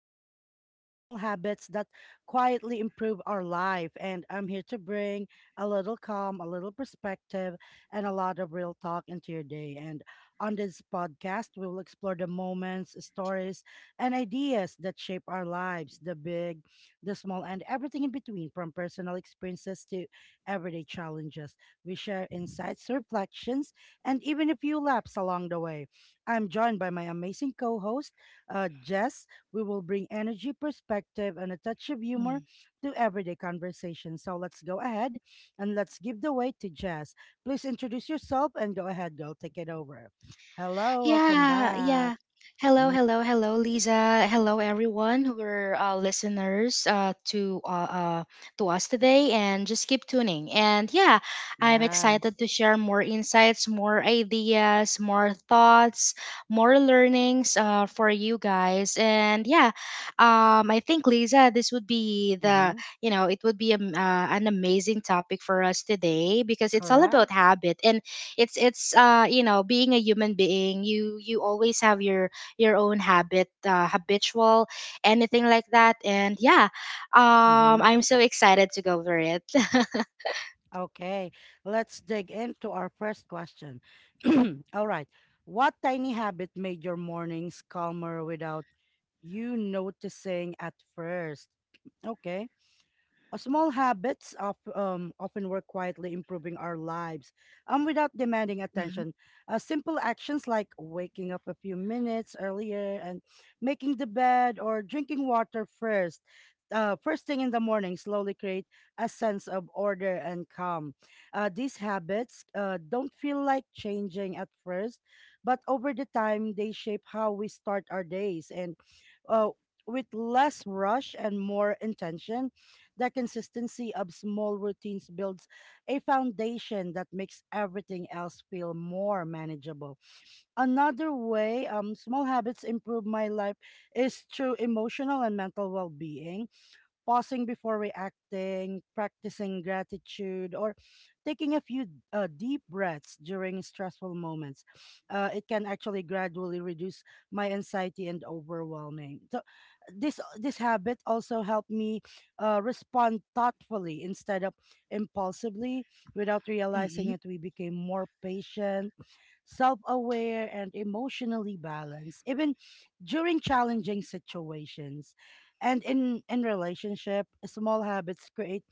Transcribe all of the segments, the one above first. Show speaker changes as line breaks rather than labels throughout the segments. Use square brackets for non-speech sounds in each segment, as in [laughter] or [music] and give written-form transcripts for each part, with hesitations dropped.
topic is about small habits that quietly improve our life, and I'm here to bring a little calm, a little perspective, and a lot of real talk into your day. And on this podcast, we will explore the moments, stories, and ideas that shape our lives: the big, the small, and everything in between, from personal experiences to everyday challenges. We share insights, reflections, and even a few laps along the way. I'm joined by my amazing co host, Jess. We will bring energy, perspective, and a touch of humor
Mm.
to everyday conversation. So let's go ahead and let's give the way to Jess. Please introduce yourself and go ahead, girl. Take it over. Hello, welcome
Yeah,
back.
yeah. Hello,
Mm,
hello, hello, Lisa. Hello, everyone who are listeners to us today, and just keep tuning. And yeah, I'm
yeah,
excited to share more insights, more ideas, more thoughts, more learnings for you guys. And yeah, I think Lisa, this would be the
mm-hmm,
you know it would be an amazing topic for us today because it's all about
correct.
habit and it's being a human being you always have your own habit, habitual anything like that. And yeah,
Mm-hmm.
I'm so excited to go over it. [laughs]
Okay, let's dig into our first question. [clears throat] All right. What tiny habit made your mornings calmer without you noticing at first? Okay. Small habits often work quietly improving our lives without demanding
Mhm,
attention. Simple actions like waking up a few minutes earlier and making the bed or drinking water first thing in the morning, slowly create a sense of order and calm. These habits don't feel like changing at first, but over the time, they shape how we start our days and uh, with less rush and more intention. The consistency of small routines builds a foundation that makes everything else feel more manageable. Another way small habits improve my life is through emotional and mental well being pausing before reacting, practicing gratitude, or taking a few deep breaths during stressful moments. It can actually gradually reduce my anxiety and overwhelming. So this habit also helped me respond thoughtfully instead of impulsively. Without realizing
mhm.
it, we became more patient, self aware, and emotionally balanced, even during challenging situations. And in relationship, small habits create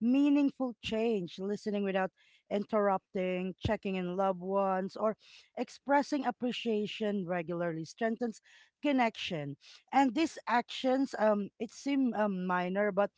meaningful change: listening without interrupting, checking in loved ones, or expressing appreciation regularly strengthens connection. And these actions, it seem minor, but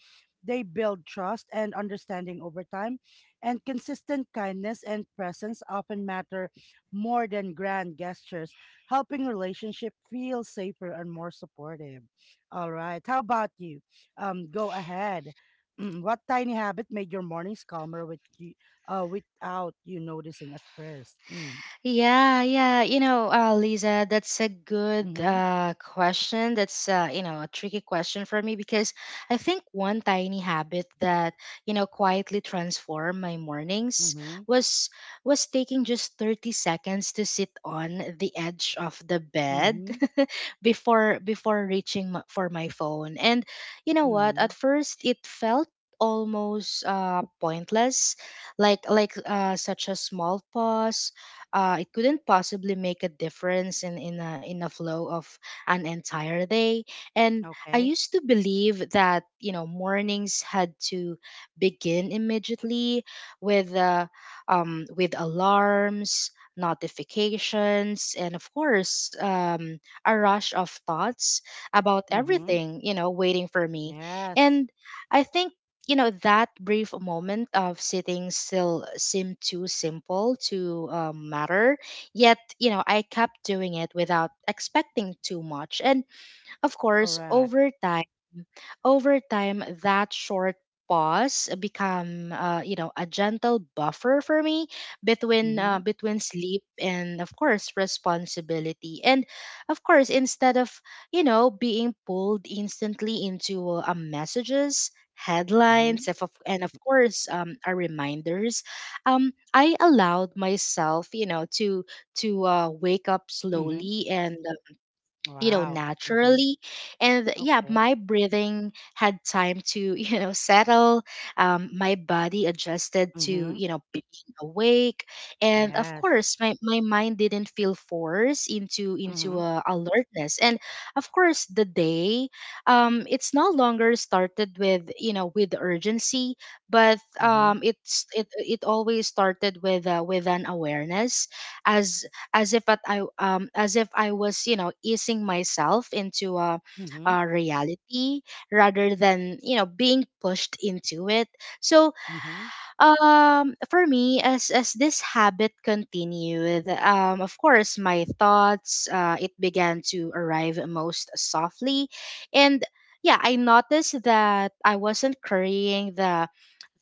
they build trust and understanding over time. And consistent kindness and presence often matter more than grand gestures, helping relationship feel safer and more supportive. All right. How about you? Go ahead. What tiny habit made your mornings calmer without you noticing at first? Mm.
Yeah, yeah. You know, Lisa, that's a good
Mm-hmm.
question. That's, you know, a tricky question for me because I think one tiny habit that, you know, quietly transformed my mornings
Mm-hmm.
was taking just 30 seconds to sit on the edge of the bed
Mm-hmm.
[laughs] before reaching for my phone. And you know what?
Mm-hmm.
At first, it felt almost pointless, like such a small pause, it couldn't possibly make a difference in a flow of an entire day. And I
Okay.
used to believe that, you know, mornings had to begin immediately with uh, with alarms, notifications, and of course, a rush of thoughts about
Mm-hmm.
everything, you know, waiting for me.
Yes.
And I think, you know, that brief moment of sitting still seemed too simple to matter, yet, you know, I kept doing it without expecting too much. And of course,
Correct.
over time, that short pause become, you know, a gentle buffer for me between
Mm-hmm.
between sleep and of course responsibility. And of course, instead of, you know, being pulled instantly into messages,
Mm-hmm.
headlines, if of- and of course, our reminders, I allowed myself, you know, to wake up
Mm-hmm.
slowly and, you know,
Wow. Mm-hmm.
naturally. And yeah,
Okay.
my breathing had time to [laughs] you know settle, my body adjusted to,
Mm-hmm.
you know, being awake, and of
Yes.
course my mind didn't feel forced into
Mm-hmm.
a alertness. And of course the day, it's no longer started with, you know, with urgency, but,
Mm-hmm.
it always started with, with an awareness, as as if at I as if I was, you know, easing myself into
Mm-hmm.
a reality rather than, you know, being pushed into it. So,
Mm-hmm.
for me, as this habit continued, of course my thoughts, it began to arrive most softly. And yeah, I noticed that I wasn't carrying the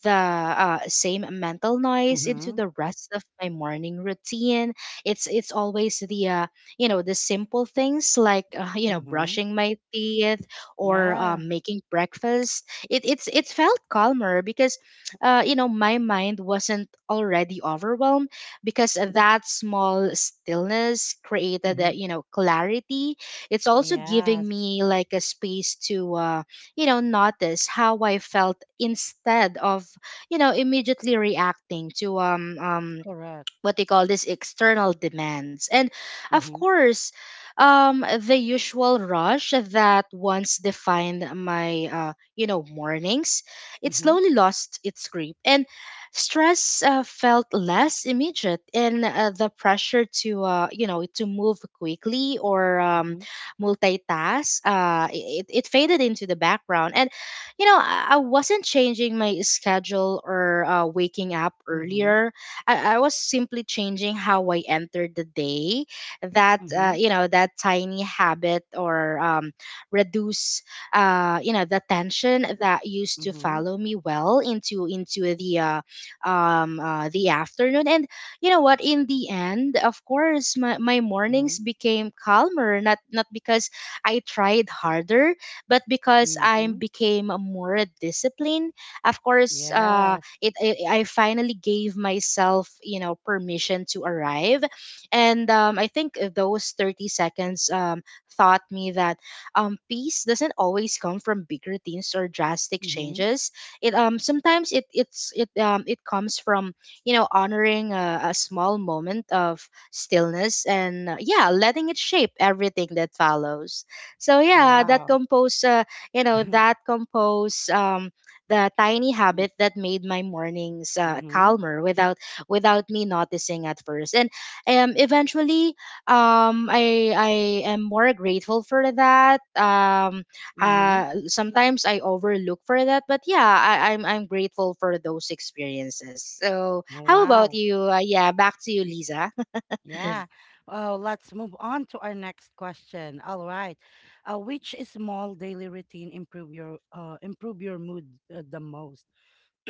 same mental noise into
Mm-hmm.
the rest of my morning routine. It's always the, you know, the simple things like, you know,
Mm-hmm.
brushing my teeth or,
Yeah.
making breakfast. It felt calmer because, you know, my mind wasn't already overwhelmed, because that small stillness created a,
Mm-hmm.
you know, clarity. It's also giving
Yes.
me like a space to. You know, notice how I felt instead of, you know, immediately reacting to
Correct.
what they call this external demands. And of
Mm-hmm.
course, the usual rush that once defined my, you know, mornings, it
Mm-hmm.
slowly lost its grip. And stress, felt less immediate, and, the pressure to, you know, to move quickly or,
Mm-hmm.
multitask, it faded into the background. And, you know, I wasn't changing my schedule or, waking up
Mm-hmm.
earlier. I was simply changing how I entered the day. That,
Mm-hmm.
you know, that tiny habit or, reduce, you know, the tension that used to
Mm-hmm.
follow me well into the, the afternoon. And you know what? In the end, of course, my
Mm-hmm.
mornings became calmer. Not because I tried harder, but because I
Mhm.
became more disciplined. Of course,
Yes.
it, it I finally gave myself, you know, permission to arrive. And I think those 30 seconds, taught me that, peace doesn't always come from big routines or drastic
Mhm.
changes. It, sometimes it it's it it comes from, you know, honoring a small moment of stillness, and, yeah, letting it shape everything that follows. So yeah, that
Wow.
compose, you know,
[laughs]
that compose, the tiny
Mm.
habit that made my mornings,
Mhm.
calmer without me noticing at first. And eventually, I am more grateful for that.
Mhm.
Sometimes I overlook for that, but yeah, I'm grateful for those experiences. So
Oh,
how about
wow.
you, yeah, back to you, Lisa. [laughs]
Yeah. Oh, let's move on to our next question. All right. Which small daily routine improve your improve your mood the most?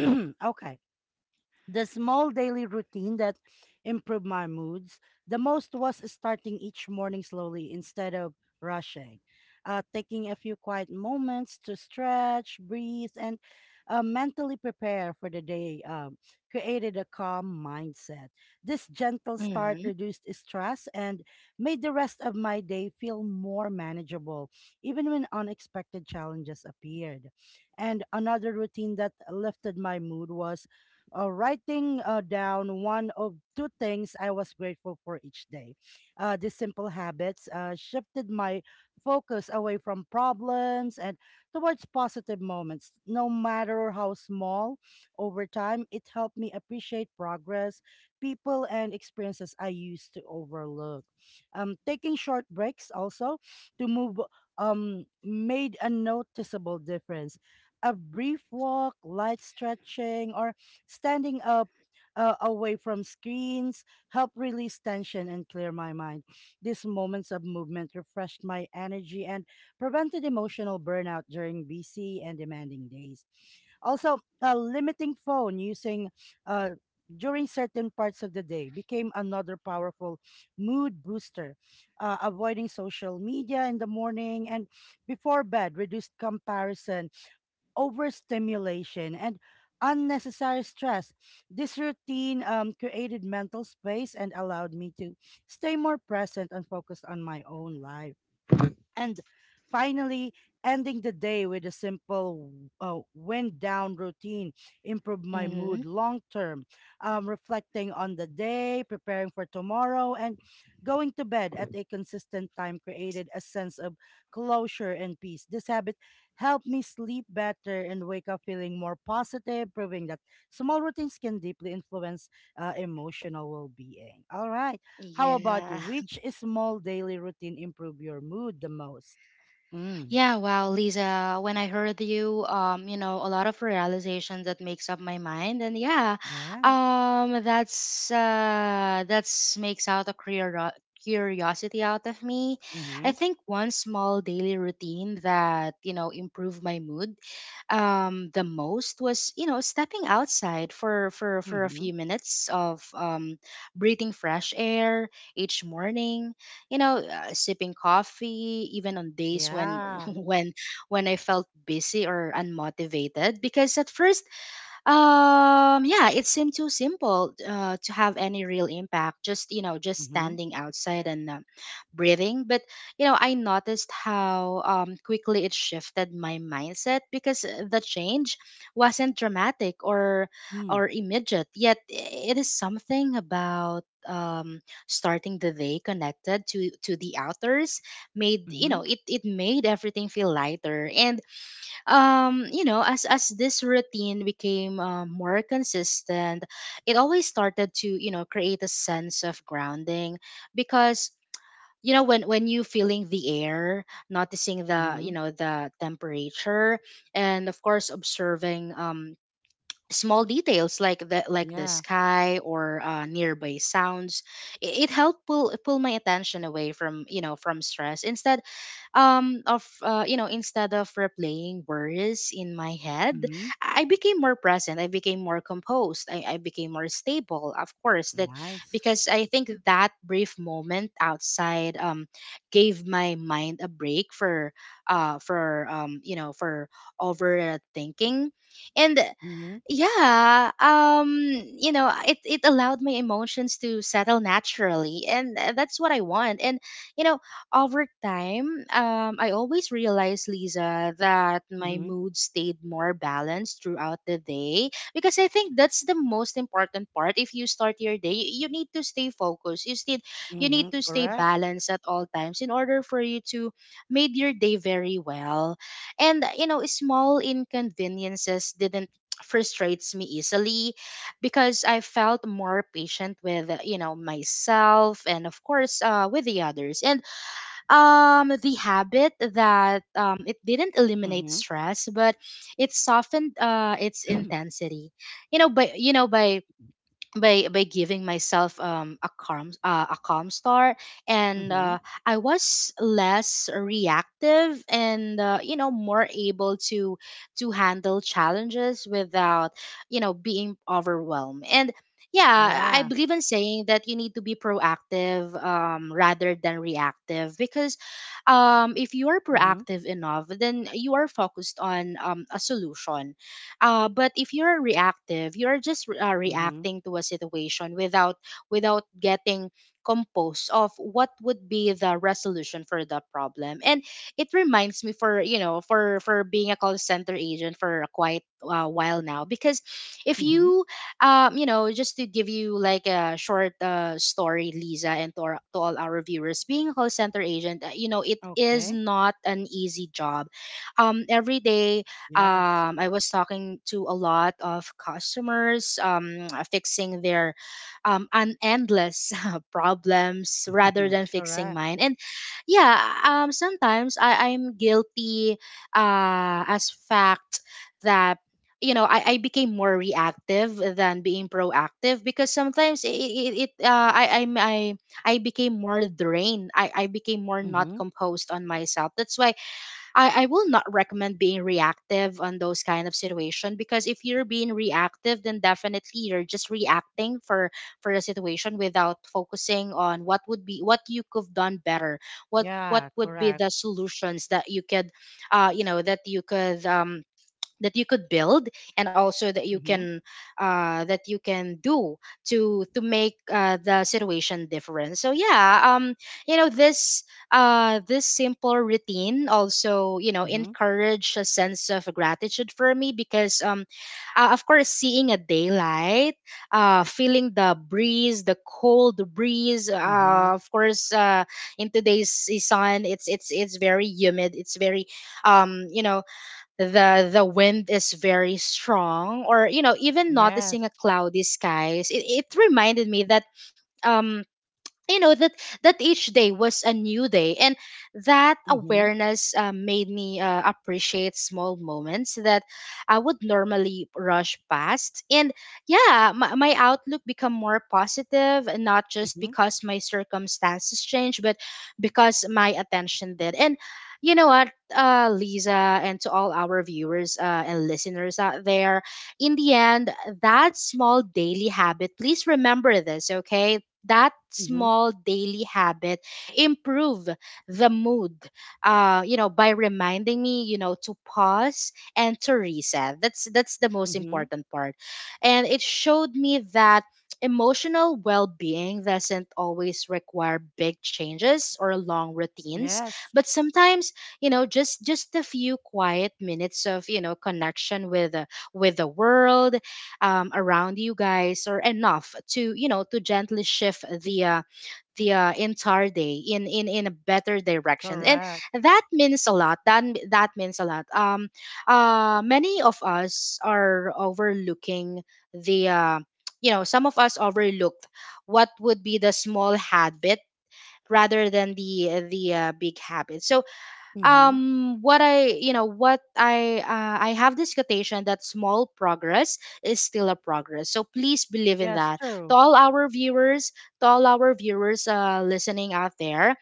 [clears throat] Okay. The small daily routine that improved my moods the most was starting each morning slowly instead of rushing. Taking a few quiet moments to stretch, breathe, and mentally prepare for the day created a calm mindset. This gentle start
Mm-hmm.
reduced stress and made the rest of my day feel more manageable, even when unexpected challenges appeared. And another routine that lifted my mood was writing down one of two things I was grateful for each day. These simple habits shifted my focus away from problems and towards positive moments, no matter how small. Over time, it helped me appreciate progress, people, and experiences I used to overlook. Taking short breaks also to move made a noticeable difference. A brief walk, light stretching, or standing up away from screens help release tension and clear my mind. These moments of movement refreshed my energy and prevented emotional burnout during busy and demanding days. Also, limiting phone using uh, during certain parts of the day became another powerful mood booster. Avoiding social media in the morning and before bed reduced comparison, overstimulation, and unnecessary stress. This routine created mental space and allowed me to stay more present and focused on my own life. And finally, ending the day with a simple wind down routine improved my
Mm-hmm.
mood long term. Reflecting on the day, preparing for tomorrow, and going to bed at a consistent time created a sense of closure and peace. This habit helped me sleep better and wake up feeling more positive, proving that small routines can deeply influence emotional well-being. All right. How about you?
Yeah.
Which small daily routine improve your mood the most? Mm.
Yeah, wow, Lisa, when I heard you, you know, a lot of realizations that makes up my mind. And yeah,
Yeah.
that's makes out a curiosity out of me.
Mm-hmm.
I think one small daily routine that, you know, improved my mood, the most was, you know, stepping outside for for a
Mm-hmm.
few minutes of, breathing fresh air each morning. You know, sipping coffee even on days when [laughs]
Yeah.
when when I felt busy or unmotivated, because at first, yeah, it seemed too simple, to have any real impact. Just, you know, just
Mm-hmm.
standing outside and, breathing. But you know, I noticed how, quickly it shifted my mindset, because, the change wasn't dramatic or
Mm.
immediate. Yet it is something about, um starting the day connected to the outdoors made, you
Mm-hmm.
know, it made everything feel lighter. And you know, as this routine became, more consistent, it always started to, you know, create a sense of grounding, because, you know, when you feeling the air, noticing the,
Mm-hmm.
you know, the temperature, and of course observing, small details like the
Yeah.
sky or, nearby sounds. It helped pull my attention away from, you know, from stress. Instead, of you know, instead of replaying worries in my head,
Mm-hmm.
I became more present, I became more composed, I became more stable, of course. That
Nice.
Because I think that brief moment outside, gave my mind a break for, you know, for overthinking. And
Mm-hmm.
yeah, you know, it allowed my emotions to settle naturally. And, that's what I want. And you know, over time, I always realized, Lisa, that my
Mm-hmm.
mood stayed more balanced throughout the day, because I think that's the most important part. If you start your day, need to stay focused. You need
Mm-hmm.
to stay
Correct.
balanced at all times in order for you to make your day very well. And you know, small inconveniences didn't frustrates me easily, because I felt more patient with, you know, myself, and of course, with the others. And the habit that, it didn't eliminate
Mm-hmm.
stress, but it softened, its intensity, you know, by, by giving myself, a calm, a calm start. And,
Mm-hmm.
I was less reactive, and, you know, more able to handle challenges without, you know, being overwhelmed. And yeah, I
Yeah.
believe in saying that you need to be proactive, rather than reactive, because, if you
Mm-hmm.
are proactive enough, then you are focused on, a solution. But if you're reactive, you're
Mm-hmm.
just, reacting to a situation without getting composed of what would be the resolution for the problem. And it reminds me for, you know, for being a call center agent for quite a while now. Because
Mm-hmm.
if you, you know, just to give you like a short, story, Lisa, and to all our viewers, being a call center agent, you know, it
Okay.
is not an easy job. Every day,
Yes.
I was talking to a lot of customers, [tsk] fixing their, an endless [laughs] problems
Mm-hmm.
rather than
Correct.
fixing mine. And yeah, sometimes I'm guilty as fact that I became more reactive than being proactive because sometimes it, it, it I, I'm- I became more drained, I became more
Mm-hmm.
not composed on myself. That's why I will not recommend being reactive on those kind of situation, because if you're being reactive, then definitely you're just reacting for a situation without focusing on what would be what you could have done better, what
Yeah.
would be the
Correct.
solutions that you could, that you could, that you could build, and also that you
Mm-hmm.
can, that you can do to make the situation different. So yeah, this this simple routine also,
Mm-hmm.
encourage a sense of gratitude for me, because of course, seeing a daylight, feeling the breeze, the cold breeze,
Mm-hmm.
uh, of course, uh, in today's sun, it's very humid, it's very, um you know the wind is very strong, or you know, even noticing a
Yes.
cloudy skies, it reminded me that, um that each day was a new day, and that
Mm-hmm.
awareness made me appreciate small moments that I would normally rush past. And yeah, my outlook become more positive, and not just
Mm-hmm.
because my circumstances change, but because my attention did. And you know what, Lisa, and to all our viewers and listeners out there, in the end, that small daily habit, please remember this, okay? That
Mm-hmm.
small daily habit improve the mood by reminding me, to pause and to reset. That's the most
Mm-hmm.
important part. And it showed me that emotional well-being doesn't always require big changes or long routines,
Yes,
but sometimes, just a few quiet minutes of, connection with, with the world around you guys, or enough to, to gently shift the entire day in a better direction. And
correct.
that means a lot, that means a lot. Many of us are overlooking the you know, some of us overlooked what would be the small habit rather than the big habit. So
Mm-hmm.
what I you know what I I have this quotation, that small progress is still a progress, so please believe in
Yes,
that.
true.
To all our viewers, to all our viewers listening out there,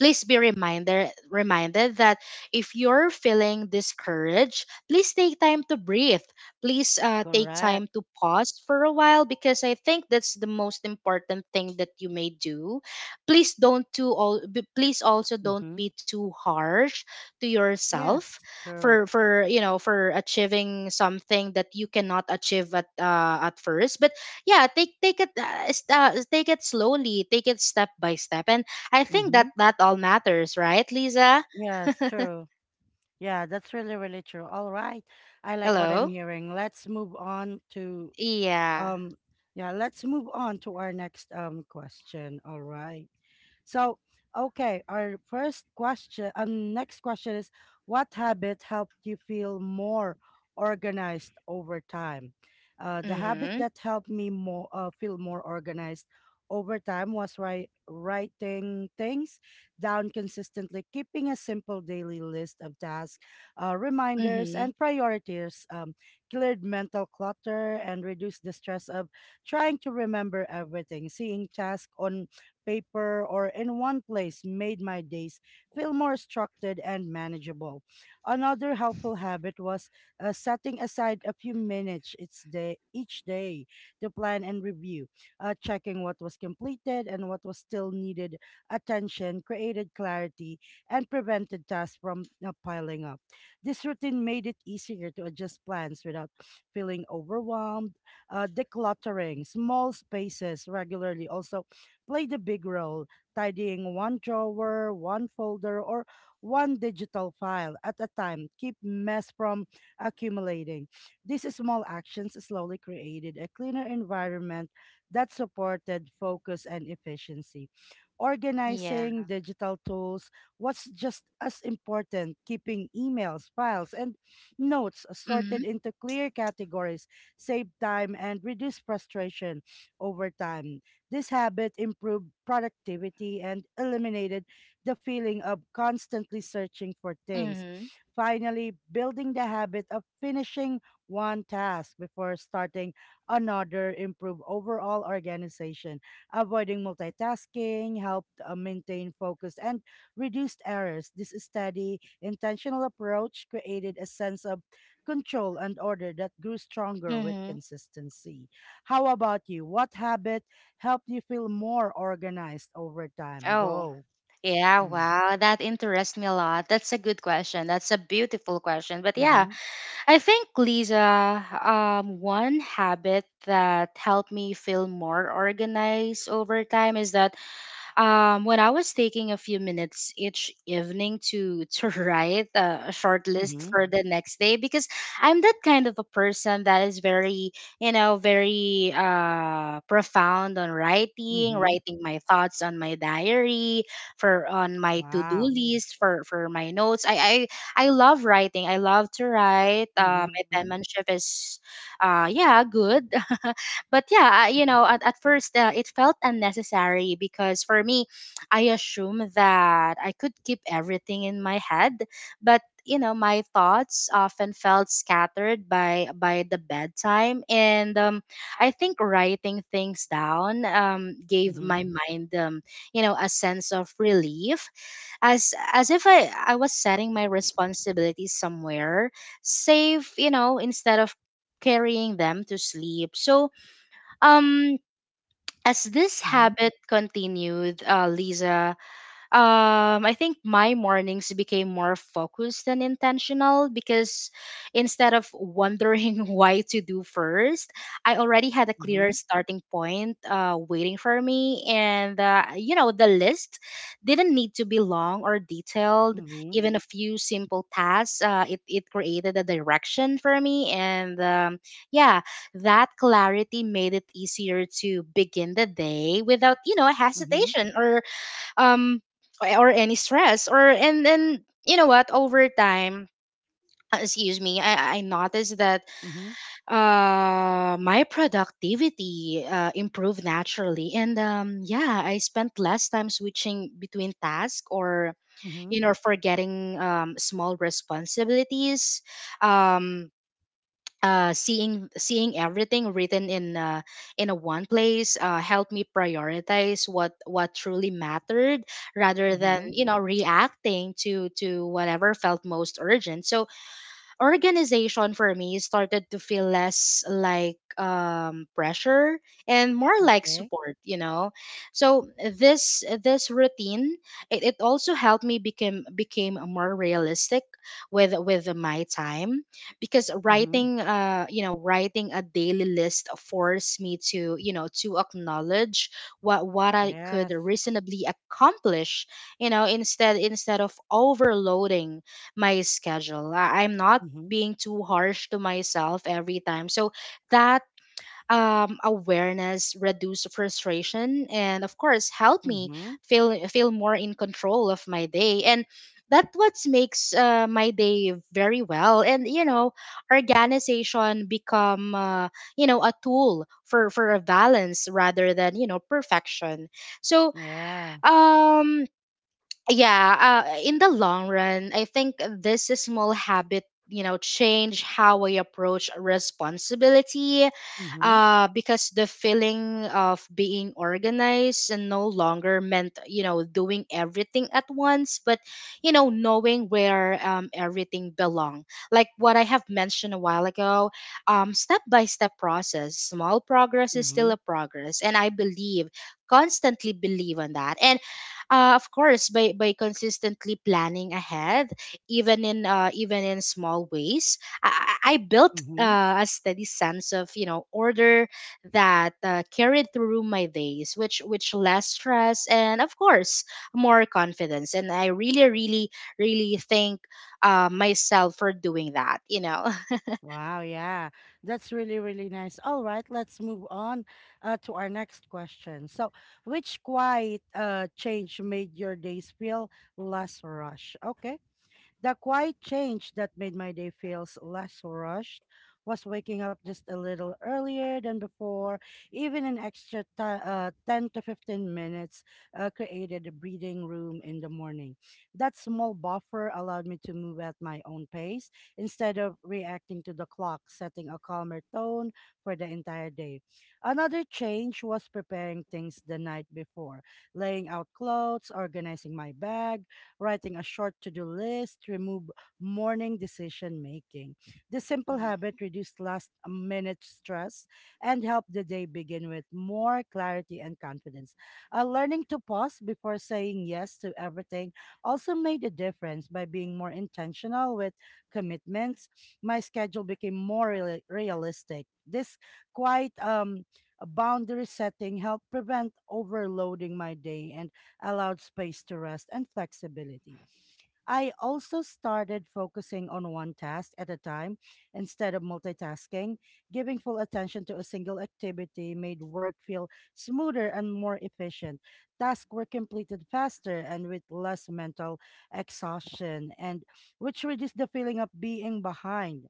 please be reminder reminded that if you're feeling discouraged, please take time to breathe, please take
Correct.
time to pause for a while, because I think that's the most important thing that you may do. Please don't too all b- please also don't
Mm-hmm.
be too harsh to yourself
Yes, true.
for you know, for achieving something that you cannot achieve at, at first. But yeah, take it take it slowly, take it step by step. And I think
Mm-hmm.
that all matters, right, Lisa?
Yes, true. Yeah, that's really, really true. All right. I like what I'm
Hello?
hearing. Let's move on
Yeah.
um yeah, let's move on to our next question. All right. So, okay, next question is, what habit helped you feel more organized over time? The habit
Mm-hmm.
that helped me more feel more organized over time was writing things down consistently. Keeping a simple daily list of tasks, reminders,
Mm-hmm.
and priorities, cleared mental clutter and reduced the stress of trying to remember everything. Seeing tasks on paper, or in one place, made my days feel more structured and manageable. Another helpful habit was setting aside a few minutes each day to plan and review. Checking what was completed and what was still needed attention created clarity and prevented tasks from piling up. This routine made it easier to adjust plans without feeling overwhelmed. Decluttering small spaces regularly also played a big role: tidying one drawer, one folder, or one digital file at a time, keep mess from accumulating. These small actions slowly created a cleaner environment that supported focus and efficiency.
Yeah.
Organizing digital tools was just as important: keeping emails, files, and notes
Mm-hmm.
sorted into clear categories saved time and reduced frustration over time. This habit improved productivity and eliminated the feeling of constantly searching for things.
Mm-hmm.
Finally, building the habit of finishing one task before starting another improved overall organization. Avoiding multitasking helped maintain focus and reduced errors. This steady, intentional approach created a sense of control and order that grew stronger with
Mm-hmm.
consistency. How about you? What habit help you feel more organized over time?
Oh.
Go.
Yeah,
Mm.
wow, that interests me a lot. That's a good question. That's a beautiful question. But yeah,
Mhm.
I think Lisa, one habit that helped me feel more organized over time is that, when I was taking a few minutes each evening to [laughs] write a short list
Mhm.
for the next day, because I'm that kind of a person that is very, you know, very profound on writing,
Mhm.
writing my thoughts on my diary, for on my to do
Wow.
list, for my notes. I love writing. I love to write.
Mhm.
My penmanship is, yeah, good. [laughs] But yeah, I- you know, at first it felt unnecessary, because for me, I assumed that I could keep everything in my head, but you know, my thoughts often felt scattered by the bedtime, and I think writing things down gave
Mhm.
my mind, you know, a sense of relief, as if I was setting my responsibilities somewhere safe, you know, instead of carrying them to sleep. So um, as this
Mhm.
habit continued, Lisa, I think my mornings became more focused and intentional, because instead of wondering [laughs] why to do first, I already had a clear
Mhm.
starting point waiting for me. And you know, the list didn't need to be long or detailed,
Mhm.
even a few simple tasks, it created a direction for me. And yeah, that clarity made it easier to begin the day without, you know,
Mhm.
hesitation um or any stress. Or And then, you know what, over time, excuse me, I noticed that
Mhm.
my productivity improved naturally, and yeah, I spent less time switching between tasks, or
Mhm.
you know, forgetting small responsibilities. um seeing everything written in, in a one place helped me prioritize what truly mattered, rather than,
Mhm.
you know, reacting to whatever felt most urgent. So organization for me started to feel less like pressure, and more like
Okay.
support, you know. So this routine, it also helped me become became more realistic with my time, because
Mhm.
writing, you know, writing a daily list forced me to, you know, to acknowledge what I
Yes.
could reasonably accomplish, you know, instead of overloading my schedule. I'm not
Mhm.
being too harsh to myself every time. So that, awareness reduced frustration, and of course helped me
Mhm.
feel more in control of my day. And that what makes my day very well. And you know, organization become, you know, a tool for a balance rather than, you know, perfection. So
Yeah.
um yeah, in the long run, I think this is small habit, you know, change how I approach responsibility,
Mhm.
because the feeling of being organized and no longer meant, you know, doing everything at once, but you know, knowing where everything belong, like what I have mentioned a while ago. Step by step process, small progress is still a
Mhm.
progress, and I believe, constantly believe on that. And, of course, by consistently planning ahead, even in, even in small ways, I I built
Mhm.
a steady sense of, you know, order that carried through my days, which less stress, and of course more confidence. And I really, really, really thank myself for doing that. You know. [laughs]
Wow, yeah, that's really, really nice. All right, let's move on to our next question. So, which quiet change made your days feel less rush? Okay, the quiet change that made my day feels less rushed was waking up just a little earlier than before. Even an extra ti 10 to 15 minutes created a breathing room in the morning. That small buffer allowed me to move at my own pace instead of reacting to the clock, setting a calmer tone for the entire day. Another change was preparing things the night before: laying out clothes, organizing my bag, writing a short to do list, remove morning decision making. This simple
Mm.
habit reduced last minute stress and helped the day begin with more clarity and confidence. Learning to pause before saying yes to everything also made a difference. By being more intentional with commitments, my schedule became more realistic. This quite boundary setting helped prevent overloading my day and allowed space to rest and flexibility. I also started focusing on one task at a time instead of multitasking. Giving full attention to a single activity made work feel smoother and more efficient. Tasks were completed faster and with less mental exhaustion, and which reduced the feeling of being behind.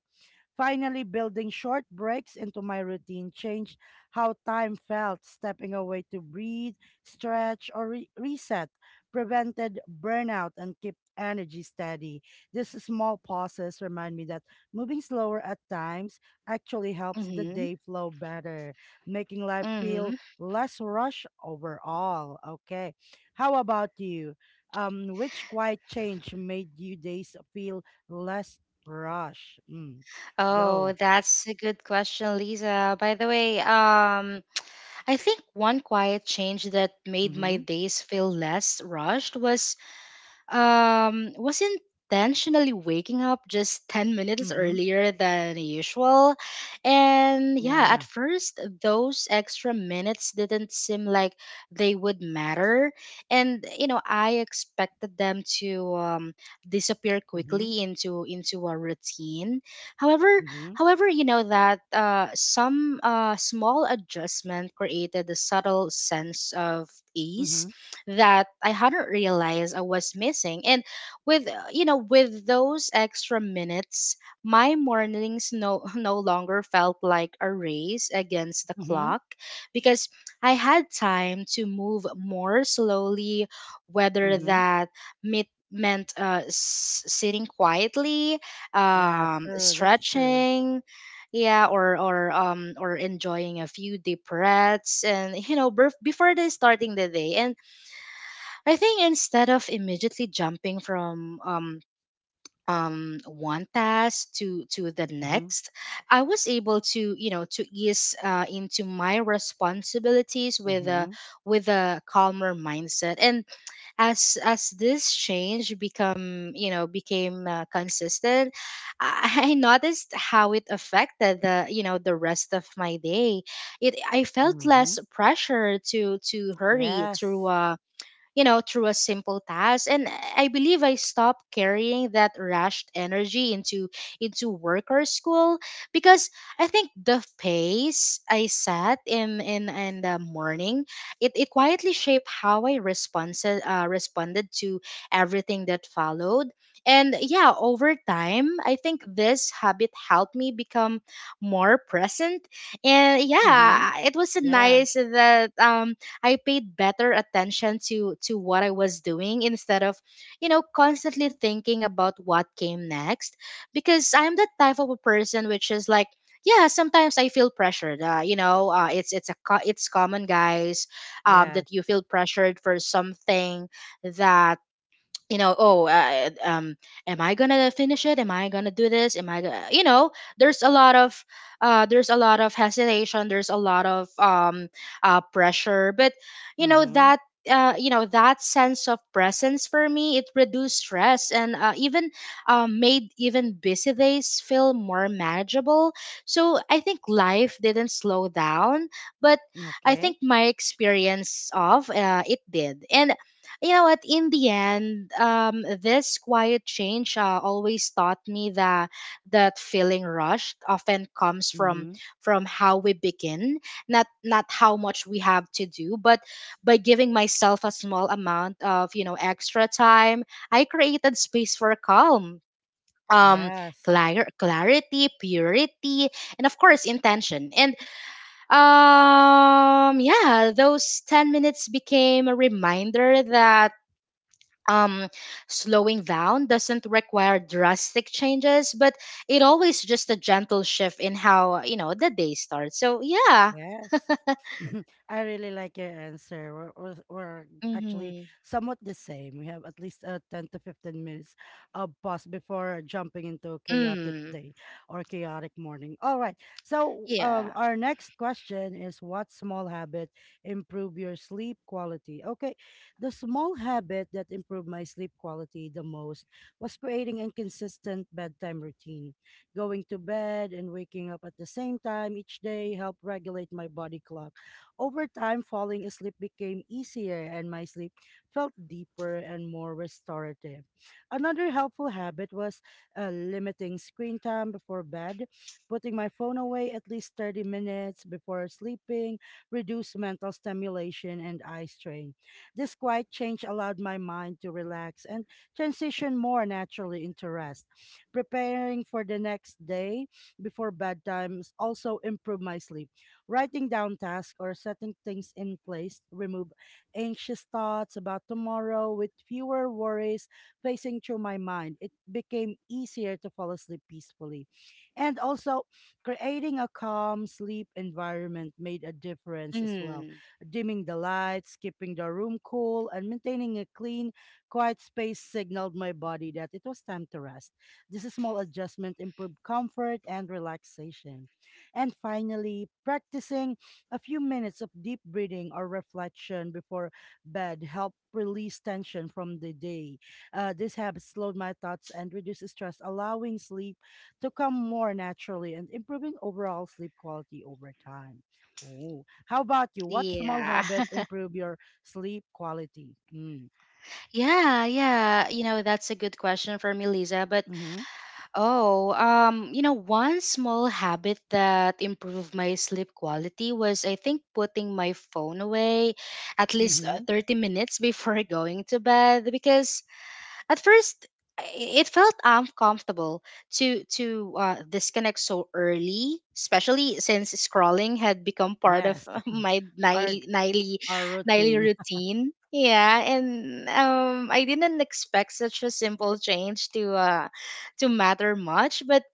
Finally, building short breaks into my routine changed how time felt. Stepping away to breathe, stretch, or reset prevented burnout and kept energy steady. These small pauses remind me that moving slower at times actually helps the
Mm-hmm.
day flow better, making life
Mm-hmm.
feel less rush overall. Okay. How about you? Which quiet change made you days feel less rush? Mm.
Oh,
Go.
that's a good question, Lisa. By the way, I think one quiet change that made my
Mhm.
days feel less rushed was, intentionally waking up just 10 minutes
Mhm.
earlier than usual. And yeah, at
Yeah.
first, those extra minutes didn't seem like they would matter. And, you know, I expected them to, disappear
Mhm.
quickly into a routine. However,
Mhm.
however, you know, that some small adjustment created a subtle sense of ease
Mhm.
that I hadn't realized I was missing. And with, you know, with those extra minutes, my mornings no [laughs] no longer felt like a race against the
Mhm.
clock, because I had time to move more slowly, whether
Mhm.
that meant sitting quietly,
Yeah, true. That's true.
stretching, yeah, or or enjoying a few deep breaths, and you know, before the starting the day. And I think, instead of immediately jumping from one task to the
Mhm.
next, I was able to, you know, to ease into my responsibilities with a,
Mhm.
with a calmer mindset. And as this change become you know, became consistent, I [laughs] I noticed how it affected the, you know, the rest of my day. It I felt less
Mhm.
pressure to hurry through.
Yes.
You know, through a simple task. And I believe I stopped carrying that rushed energy into work or school, because I think the pace I set in the morning, it quietly shaped how I responded, responded to everything that followed. And yeah, over time, I think this habit helped me become more present. And
Mhm.
yeah, it was
Yeah.
nice that I paid better attention to what I was doing, instead of, you know, constantly thinking about what came next. Because I'm the type of a person which is like, yeah, sometimes I feel pressured. You know, it's common, guys,
Yes.
that you feel pressured for something that, you know, am I gonna finish it, am I gonna do this, am I gonna, you know, there's a lot of there's a lot of hesitation, there's a lot of pressure. But you know
Mhm.
that, you know that sense of presence for me, it reduced stress, and even made even busy days feel more manageable. So I think life didn't slow down, but I
Okay.
think my experience of, it did. And you know what, in the end, this quiet change always taught me that feeling rushed often comes from,
Mhm.
how we begin, not how much we have to do, but by giving myself a small amount of, you know, extra time, I created space for calm, um
Yes.
clarity, purity, and of course intention. And yeah, those 10 minutes became a reminder that, um slowing down doesn't require drastic changes, but it always just a gentle shift in how, you know, the day starts. So yeah.
Yes. [laughs] I really like your answer. We're actually
Mm-hmm.
somewhat the same. We have at least 10 to 15 minutes of pause before jumping into a chaotic
Mm.
day or chaotic morning. All right. So,
Yeah.
our next question is, what small habit improve your sleep quality? Okay. The small habit that improved my sleep quality the most was creating a consistent bedtime routine. Going to bed and waking up at the same time each day helped regulate my body clock. Over time, falling asleep became easier and my sleep felt deeper and more restorative. Another helpful habit was limiting screen time before bed, putting my phone away at least 30 minutes before sleeping, reduced mental stimulation and eye strain. This quiet change allowed my mind to relax and transition more naturally into rest. Preparing for the next day before bedtimes also improve my sleep. Writing down tasks or setting things in place remove anxious thoughts about tomorrow with fewer worries facing through my mind. It became easier to fall asleep peacefully. And also creating a calm sleep environment made a difference as well.
Mm.
Dimming the lights, keeping the room cool, and maintaining a clean, quiet space signaled my body that it was time to rest. This small adjustment improve comfort and relaxation. And finally, practicing a few minutes of deep breathing or reflection before bed help release tension from the day. This habit slowed my thoughts and reduced stress, allowing sleep to come more naturally and improving overall sleep quality over time. Oh, how about you? What small
Yeah.
habit
[laughs]
improve your sleep quality? Mm.
Yeah, you know, that's a good question for me, Lisa. But
Mm-hmm.
oh you know, one small habit that improved my sleep quality was, I think, putting my phone away at least
Mm-hmm.
30 minutes before [laughs] going to bed. Because at first, it felt uncomfortable to disconnect so early, especially since scrolling had become part of
Yes.
[laughs]
[laughs]
my
Our
nightly nightly
our
nightly
routine.
routine. Yeah, and I didn't expect such a simple change to matter much, but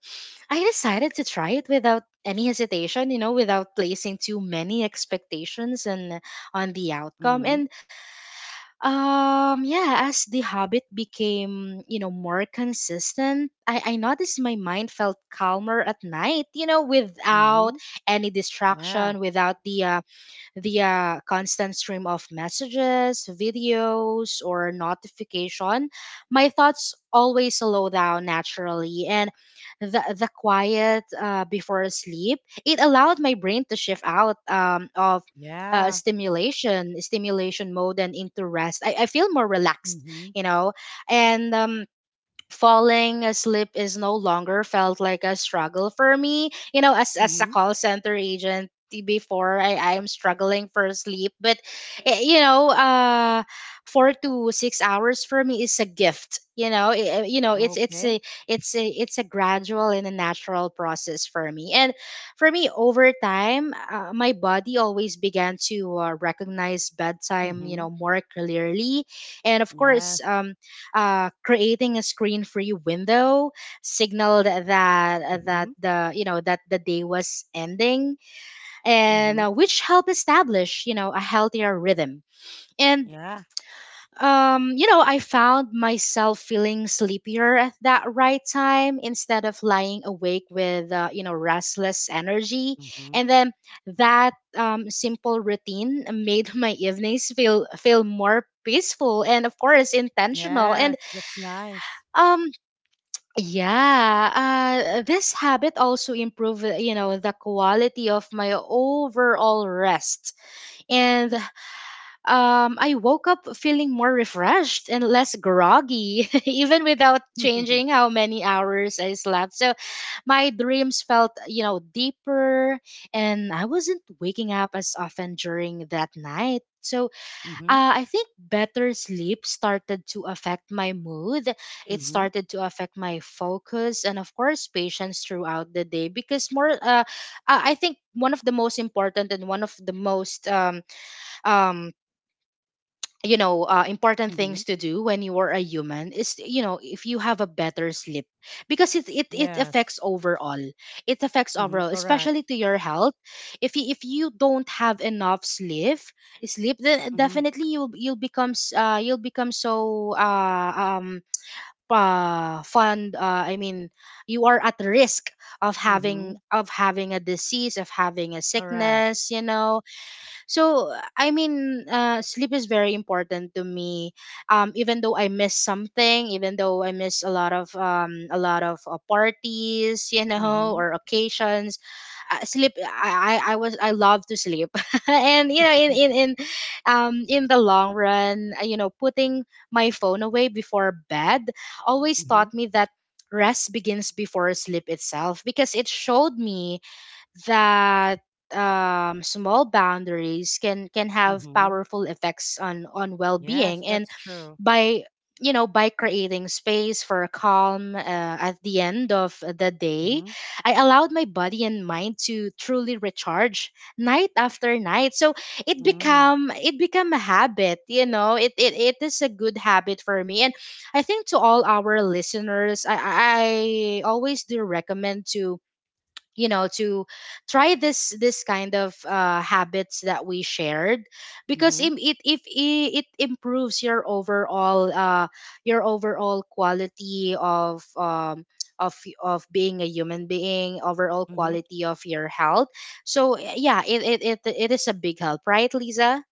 I decided to try it without any hesitation, you know, without placing too many expectations and on the outcome.
Mhm,
Yeah, as the habit became, you know, more consistent, I noticed my mind felt calmer at night, you know, without
mhm,
any
yeah,
distraction, without the constant stream of messages, videos, or notification. My thoughts always slow down naturally. And the quiet before sleep, it allowed my brain to shift out of
yeah,
stimulation mode and into rest. I feel more relaxed,
mhm,
you know. And falling asleep is no longer felt like a struggle for me. You know, as a
mhm,
call center agent, before I am struggling for sleep, but eh, you know, uh 4 to 6 hours for me is a gift. You know, it's it's a
okay,
it's a it's a gradual and a natural process for me. And for me, over time, my body always began to recognize bedtime, you know,
mhm,
more clearly. And of course,
yes,
creating a screen-free window signaled that that
mhm,
the you know that the day was ending, and
mhm,
which helped establish, you know, a healthier rhythm. And
yeah,
you know, I found myself feeling sleepier at that right time instead of lying awake with restless energy.
mhm,
And then that simple routine made [laughs] my evenings feel more peaceful and of course intentional. And
yes, that's nice.
um yeah, this habit also improve the quality of my overall rest. And I woke up feeling more refreshed and less groggy, [laughs] even without changing
[laughs]
how many hours I slept. So my dreams felt, you know, deeper, and I wasn't waking up as often during that night. So
Mhm,
I think better sleep started to affect my mood. It
mhm,
started to affect my focus and, of course, patience throughout the day. Because I think one of the most important and one of the most um, important
mhm,
things to do when you are a human is, you know, if you have a better sleep, because it
yes,
affects overall, it affects
mhm,
overall,
correct,
especially to your health. If you don't have enough sleep, then
mhm,
definitely you'll become you'll become so fund I mean, you are at risk of
mhm,
having a disease, of having a
correct,
sickness, you know. So I mean, sleep is very important to me. Even though I miss something, even though I miss a lot of parties, you know,
mhm,
or occasions, sleep. I love to sleep, [laughs] and you know, in the long run, you know, putting my phone away before bed always
mhm, mhm,
taught me that rest begins before sleep itself, because it showed me that, small boundaries can have
[laughs]
powerful effects on
yes,
well-being. And
that's true.
by you know, by creating space for calm at the end of the day,
Mhm,
I allowed my body and mind to truly recharge night after night. So it
mm,
become a habit, you know. It is a good habit for me. And I think, to all our listeners, I always do recommend to, you know, to try this kind of habits that we shared, because
mhm,
im- it if I- it improves your overall quality of of being a human being, overall
mhm.
quality of your health. So yeah, it is a big help, right, Lisa?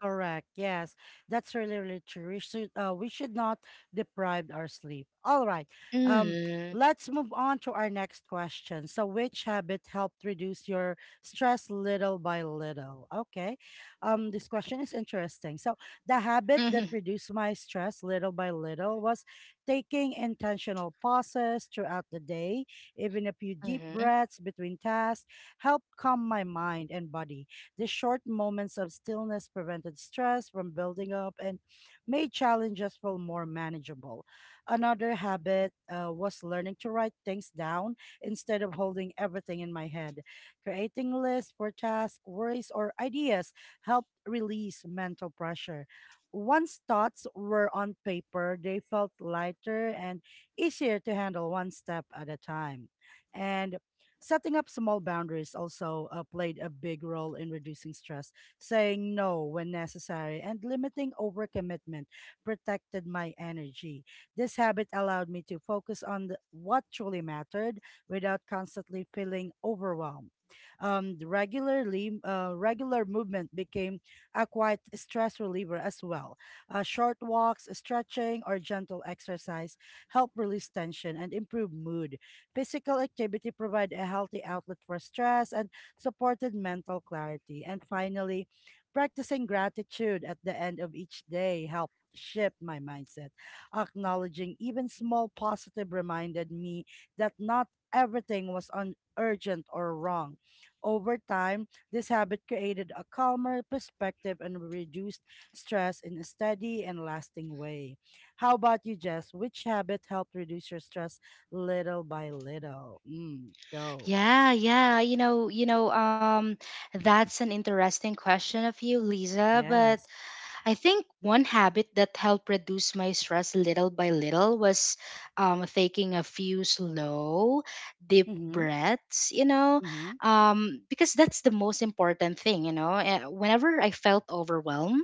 Correct. Yes, that's really, really true. We should not deprive our sleep. All right. Um,
Mm.
let's move on to our next question. So, which habit helped reduce your stress little by little? Okay. This question is interesting. So, the habit
Hmm.
that reduced my stress little by little was taking intentional pauses throughout the day, even a few deep
Hmm.
breaths between tasks, helped calm my mind and body. These short moments of stillness prevented stress from building up and made challenges feel more manageable. Another habit was learning to write things down instead of holding everything in my head. Creating lists for tasks, worries, or ideas helped release mental pressure. Once thoughts were on paper, they felt lighter and easier to handle one step at a time. And setting up small boundaries also played a big role in reducing stress. Saying no when necessary and limiting overcommitment protected my energy. This habit allowed me to focus on the, what truly mattered without constantly feeling overwhelmed. The regular movement became a quite stress reliever as well. Short walks, stretching, or gentle exercise help release tension and improve mood. Physical activity provide a healthy outlet for stress and supported mental clarity. And finally, practicing gratitude at the end of each day helped shift my mindset. Acknowledging even small positive reminded me that not everything was on urgent or wrong. Over time, this habit created a calmer perspective and reduced stress in a steady and lasting way. How about you, Jess? Which habit helped reduce your stress little by little? Mm, go.
Yeah, yeah, that's an interesting question of you, Lisa. But
Yes.
I think one habit that helped reduce my stress little by little was taking a few slow, deep
Mm-hmm.
breaths, you know,
Mm-hmm.
because that's the most important thing, you know. Whenever I felt overwhelmed,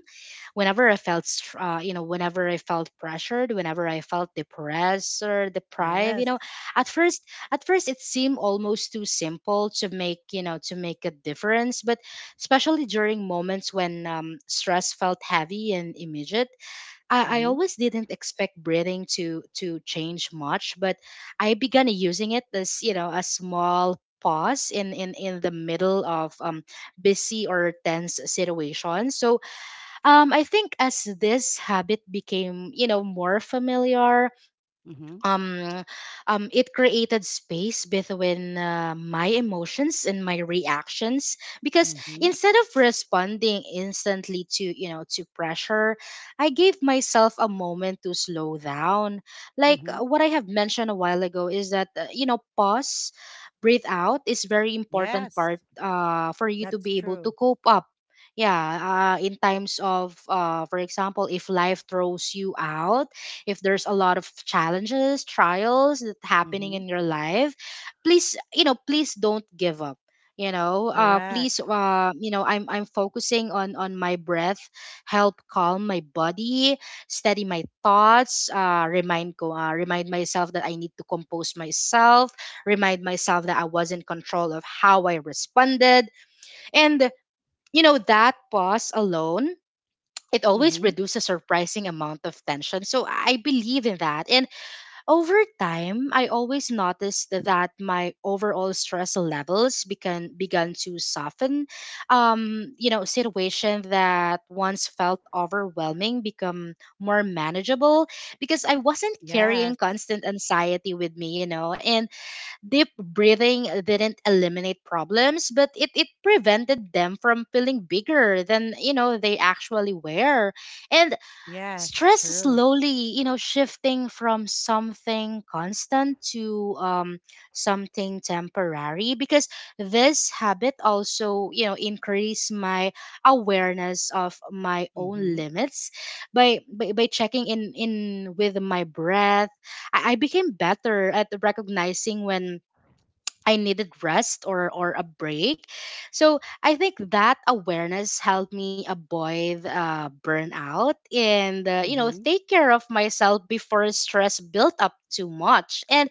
whenever I felt pressured, whenever I felt depressed or deprived, you
Yes.
know, at first, at first it seemed almost too simple to make, you know, to make a difference, but especially during moments when stress felt heavy and immediate. I
Mm-hmm.
always didn't expect breathing to change much, but I began using it as, you know, a small pause in the middle of busy or tense situations. So I think, as this habit became, you know, more familiar,
Mm-hmm.
um, it created space between my emotions and my reactions, because
Mm-hmm.
instead of responding instantly to, you know, to pressure, I gave myself a moment to slow down. Like,
Mm-hmm.
what I have mentioned a while ago is that, you know, pause, breathe out, is very important
Yes.
part for you to
That's
be able to
true.
cope up. Yeah, in times of, for example, if life throws you out, if there's a lot of challenges, trials, that happening
Mm-hmm.
in your life, please, you know, please don't give up. You know, please,
Correct.
you know, I'm focusing on my breath, help calm my body, steady my thoughts. Remind ko, remind myself that I need to compose myself, remind myself that I was in control of how I responded. And you know, that pause alone, it always
Mm-hmm.
reduces a surprising amount of tension. So I believe in that. And over time, I always noticed that my overall stress levels began to soften. You know, situation that once felt overwhelming become more manageable, because I wasn't carrying
Yes.
constant anxiety with me, you know. And deep breathing didn't eliminate problems, but it prevented them from feeling bigger than, you know, they actually were. And
Yes.
stress is
True.
slowly, you know, shifting from something constant to something temporary, because this habit also, you know, increase my awareness of my own
Mm-hmm.
limits. By checking in with my breath, I became better at recognizing when I needed rest or a break. So I think that awareness helped me avoid burnout and, you know,
Mm-hmm.
take care of myself before stress built up too much. And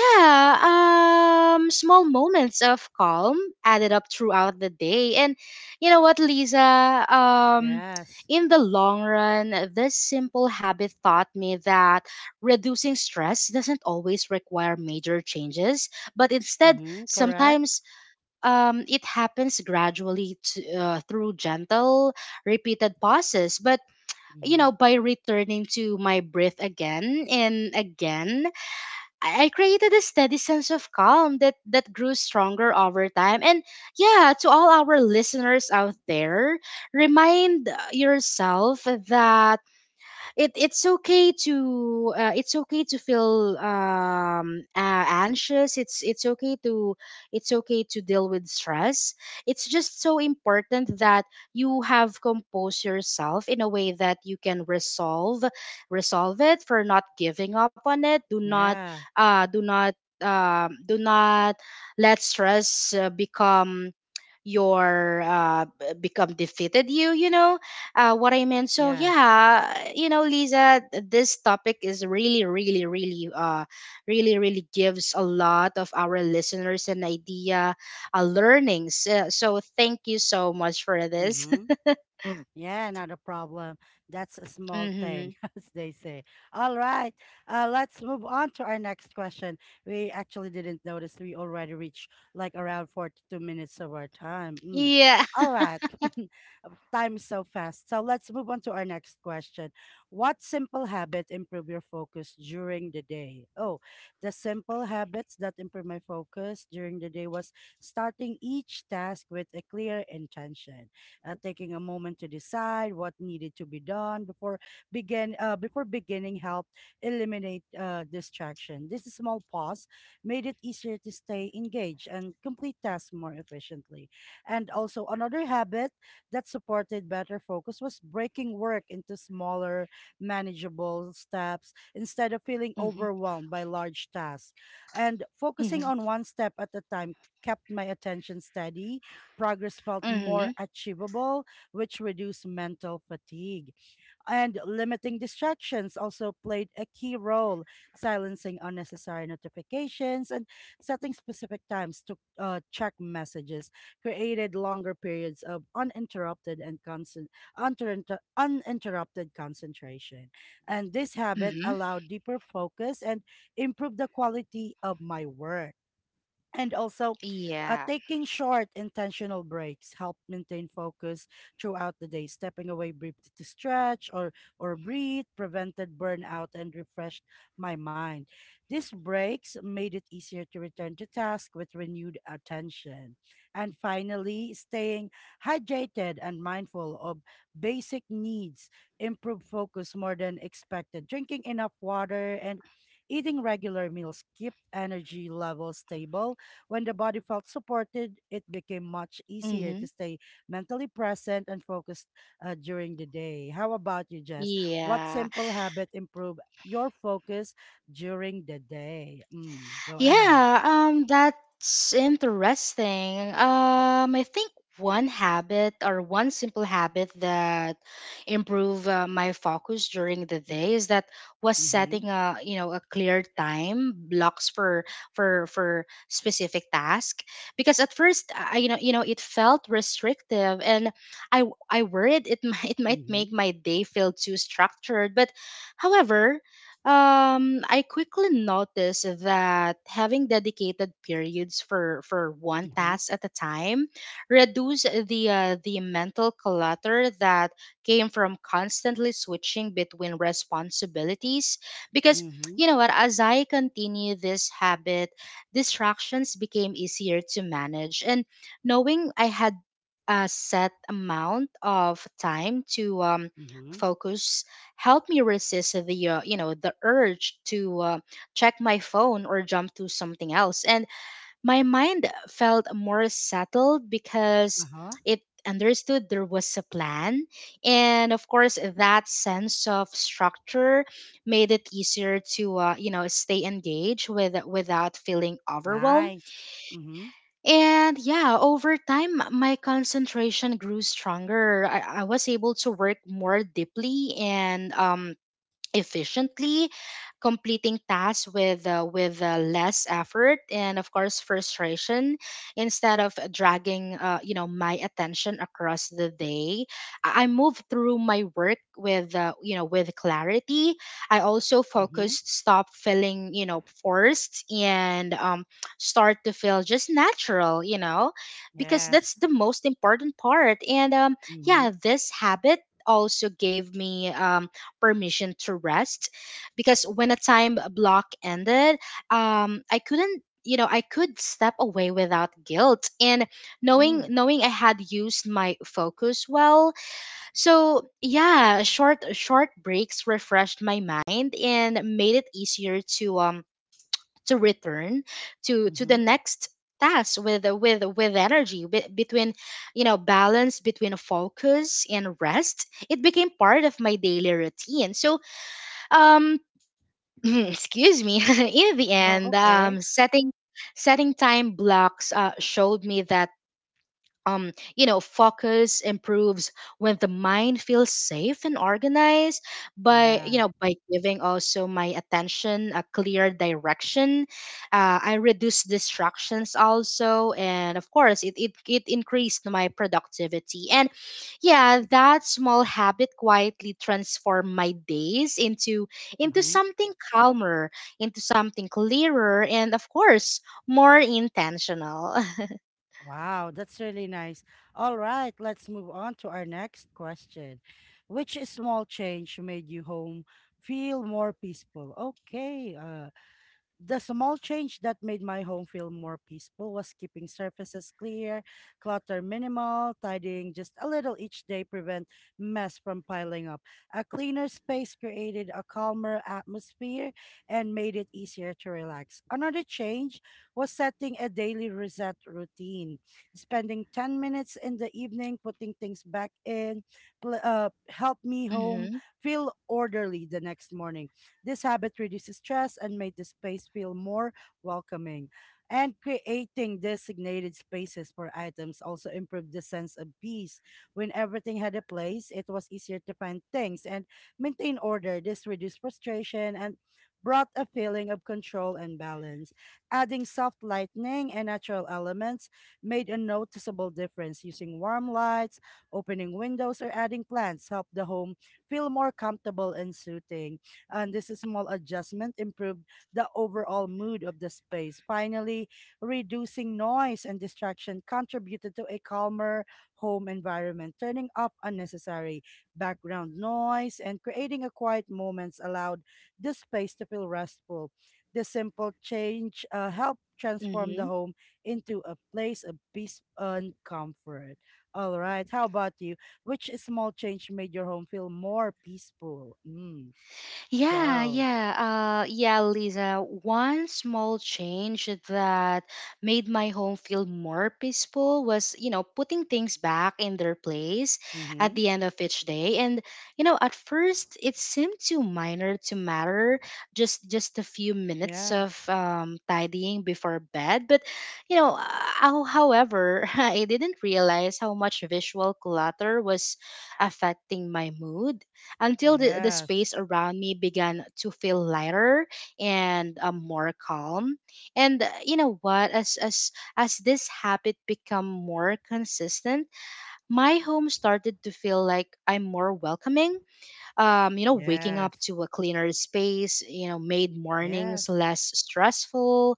yeah, small moments of calm added up throughout the day. And you know what, Lisa?
Yes.
In the long run, this simple habit taught me that reducing stress doesn't always require major changes, but instead,
Mm-hmm. Correct.
sometimes it happens gradually to, through gentle, repeated pauses. But you
Mm-hmm.
know, by returning to my breath again and again, I created a steady sense of calm that grew stronger over time. And yeah, to all our listeners out there, remind yourself that it's okay to, it's okay to feel anxious. It's okay to, it's okay to deal with stress. It's just so important that you have composed yourself in a way that you can resolve it, for not giving up on it. Do not
Yeah.
do not, do not let stress become your become defeated, you know, what I meant. So
Yes.
yeah, you know, Lisa, this topic is really, really, really, really, really gives a lot of our listeners an idea, learnings. So thank you so much for this.
Mm-hmm.
[laughs]
Yeah, not a problem. That's a small
Mm-hmm.
thing, [laughs] as they say. All right, let's move on to our next question. We actually didn't notice we already reached like around 42 minutes of our time. Mm.
Yeah.
All right, [laughs] time is so fast. So let's move on to our next question. What simple habit improve your focus during the day? Oh, the simple habits that improve my focus during the day was starting each task with a clear intention. Taking a moment to decide what needed to be done before beginning helped eliminate distraction. This small pause made it easier to stay engaged and complete tasks more efficiently. And also another habit that supported better focus was breaking work into smaller, manageable steps instead of feeling
Mm-hmm.
overwhelmed by large tasks. And focusing
Mm-hmm.
on one step at a time kept my attention steady. Progress felt more
Mm-hmm.
achievable, which reduced mental fatigue. And limiting distractions also played a key role, silencing unnecessary notifications and setting specific times to check messages created longer periods of uninterrupted and constant uninterrupted concentration. And this habit
Mm-hmm.
allowed deeper focus and improved the quality of my work. And also, uh,
Yeah.
taking short, intentional breaks help maintain focus throughout the day. Stepping away briefly to stretch or breathe prevented burnout and refreshed my mind. These breaks made it easier to return to task with renewed attention. And finally, staying hydrated and mindful of basic needs improve focus more than expected. Drinking enough water and eating regular meals keep energy levels stable. When the body felt supported, it became much easier
Mm-hmm.
to stay mentally present and focused during the day. How about you, Jess? What
Yeah.
simple habit improve your focus during the day? Mm, go ahead.
Yeah, that's interesting. I think one habit or one simple habit that improve my focus during the day is that was
Mm-hmm.
setting a, you know, a clear time blocks for for for specific task, because at first I, you know, it felt restrictive and I I worried it might [laughs] it might
Mm-hmm.
make my day feel too structured. But however, I quickly noticed that having dedicated periods for one
Mm-hmm.
task at a time reduce the mental clutter that came from constantly switching between responsibilities. Because,
Mm-hmm.
you know what, as I continue this habit, distractions became easier to manage, and knowing I had a set amount of time to
Mm-hmm.
focus helped me resist the you know the urge to, check my phone or jump to something else. And my mind felt more settled, because
Uh-huh.
it understood there was a plan. And of course, that sense of structure made it easier to, stay engaged without feeling overwhelmed.
Nice. Mm-hmm.
And yeah, over time, my concentration grew stronger. I was able to work more deeply and efficiently, completing tasks with less effort and of course frustration, instead of dragging my attention across the day. I move through my work with with clarity. I also
Mm-hmm.
focused, stop feeling forced, and start to feel just natural. Because
Yes.
that's the most important part and Yeah,
Mm-hmm.
this habit also gave me permission to rest, because when a time block ended, um, I couldn't I could step away without guilt and knowing
Mm.
knowing I had used my focus well. So yeah, short breaks refreshed my mind and made it easier to return to the
Mm-hmm.
next task with energy. Be, between you know Balance between focus and rest, it became part of my daily routine um [clears throat] Excuse me. [laughs] In the
Oh,
end,
okay.
setting time blocks showed me that focus improves when the mind feels safe and organized. By,
Yeah.
by giving also my attention a clear direction. I reduce distractions also. And of course, it increased my productivity. And yeah, that small habit quietly transformed my days into
Mm-hmm.
something calmer, into something clearer, and of course, more intentional. [laughs]
Wow, that's really nice. All right, let's move on to our next question. Which small change made you home feel more peaceful? Okay, the small change that made my home feel more peaceful was keeping surfaces clear, clutter minimal, tidying just a little each day prevent mess from piling up. A cleaner space created a calmer atmosphere and made it easier to relax. Another change was setting a daily reset routine, spending 10 minutes in the evening putting things back in help me home
Hmm.
feel orderly the next morning. This habit reduces stress and made the space feel more welcoming. And creating designated spaces for items also improved the sense of peace. When everything had a place, it was easier to find things and maintain order. This reduced frustration and brought a feeling of control and balance. Adding soft lighting and natural elements made a noticeable difference. Using warm lights, opening windows, or adding plants helped the home feel more comfortable and soothing, and this small adjustment improved the overall mood of the space. Finally, reducing noise and distraction contributed to a calmer home environment. Turning off unnecessary background noise and creating a quiet moments allowed the space to feel restful. This simple change helped transform
Hmm.
the home into a place of peace and comfort. All right, how about you? Which small change made your home feel more peaceful? Mm.
Yeah,
Go.
yeah, yeah, Lisa. One small change that made my home feel more peaceful was, putting things back in their place at
Mhm.
the end of each day. And, at first it seemed too minor to matter, just a few minutes
Yeah.
of tidying before bed. But, you know, uh, however, [laughs] I didn't realize how much visual clutter was affecting my mood until the
Yes.
space around me began to feel lighter and more calm. And you know what? As this habit become more consistent, my home started to feel like I'm more welcoming. Waking up
Yes.
to a cleaner space, made mornings
Yes.
less stressful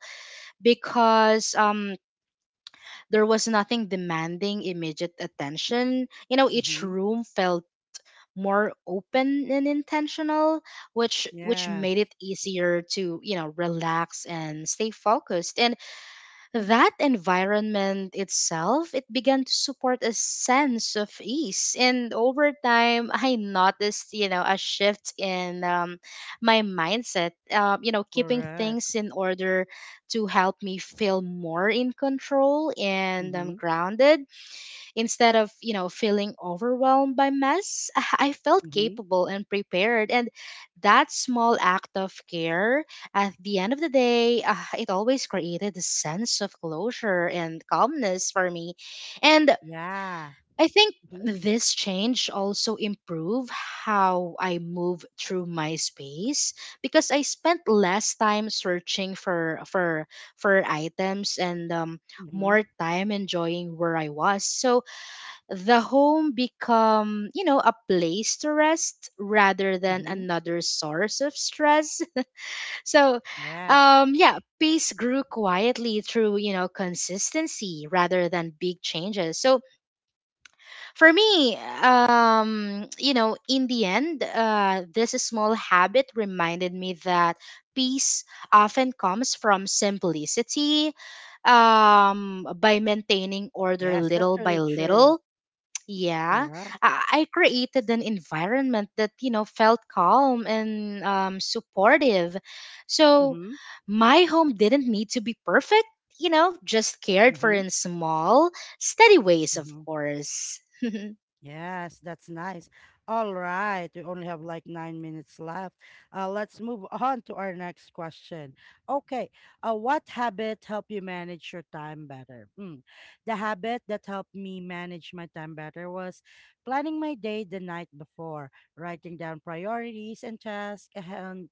because there was nothing demanding immediate attention. You know, each
Mhm.
room felt more open and intentional, which made it
Yes.
easier to relax and stay focused. And that environment itself, it began to support a sense of ease, and over time I noticed, a shift in my mindset. Keeping
Correct.
things in order to help me feel more in control and
Mhm.
grounded. Instead of, feeling overwhelmed by mess, [laughs] I felt
Mhm.
capable and prepared. And that small act of care at the end of the day, it always created a sense of closure and calmness for me. And
Yeah.
I think
Mhm.
this change also improved how I move through my space because I spent less time searching for items and
Mhm.
more time enjoying where I was. So the home become, a place to rest rather than
Mhm.
another source of stress. [laughs] so
Yes.
yeah, peace grew quietly through, consistency rather than big changes. So for me, in the end, this small habit reminded me that peace often comes from simplicity, by maintaining order
Yes. That's
little by
really true.
little. Yeah,
Correct.
I created an environment that, felt calm and supportive. So
Mhm.
my home didn't need to be perfect, just cared for
Mhm.
in small, steady ways, of
Mhm.
course.
Yes, that's nice. All right, we only have like 9 minutes left. Let's move on to our next question. Okay, what habit helped you manage your time better? Hmm. The habit that helped me manage my time better was planning my day the night before, writing down priorities and tasks, and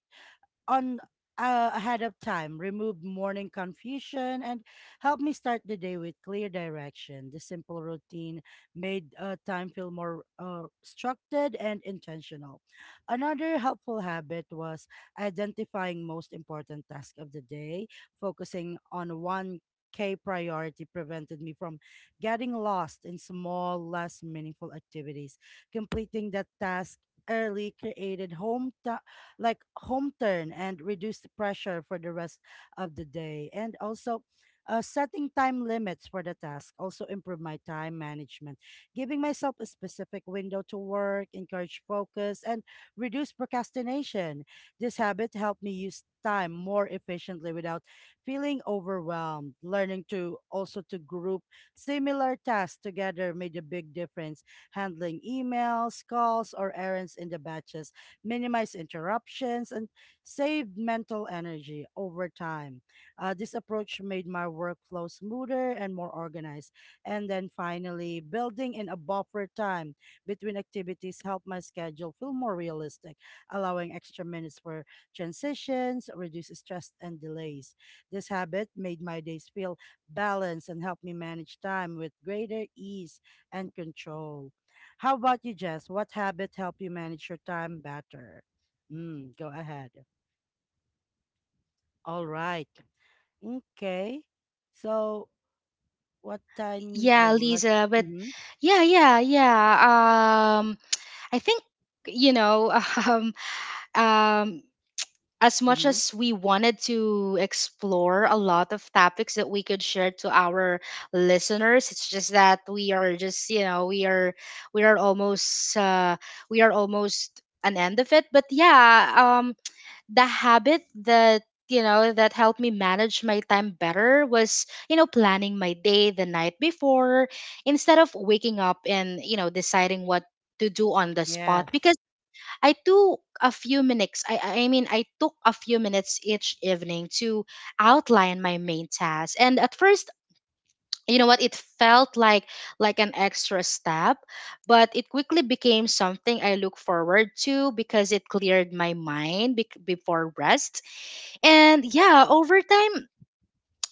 on ahead of time, remove morning confusion, and help me start the day with clear direction. The simple routine made time feel more structured and intentional. Another helpful habit was identifying most important task of the day, focusing on one. K priority prevented me from getting lost in small, less meaningful activities. Completing that task early created home like home turn and reduce the pressure for the rest of the day. And also, setting time limits for the task also improve my time management, giving myself a specific window to work, encourage focus, and reduce procrastination. This habit helped me use time more efficiently without feeling overwhelmed. Learning to also to group similar tasks together made a big difference. Handling emails, calls, or errands in the batches minimize interruptions, and save mental energy over time. This approach made my workflow smoother and more organized. And then finally, building in a buffer time between activities helped my schedule feel more realistic, allowing extra minutes for transitions, reduce stress and delays. This habit made my days feel balanced and helped me manage time with greater ease and control. How about you, Jess? What habit help you manage your time better? Mm, go ahead. All right. Okay. So what
[laughs]
tiny?
Yeah,
Oh, let's.
Lisa, but
Mm-hmm.
yeah, yeah, yeah. I think, you know, [laughs] um, um, as much
Mm-hmm.
as we wanted to explore a lot of topics that we could share to our listeners, it's just that we are just you know we are almost uh, we are almost an end of it. But yeah, the habit that that helped me manage my time better was, planning my day the night before instead of waking up and deciding what to do on the spot.
Yes.
Because I took a few minutes. I mean, I took a few minutes each evening to outline my main task. And at first, it felt like an extra step, but it quickly became something I look forward to because it cleared my mind before rest. And yeah, over time,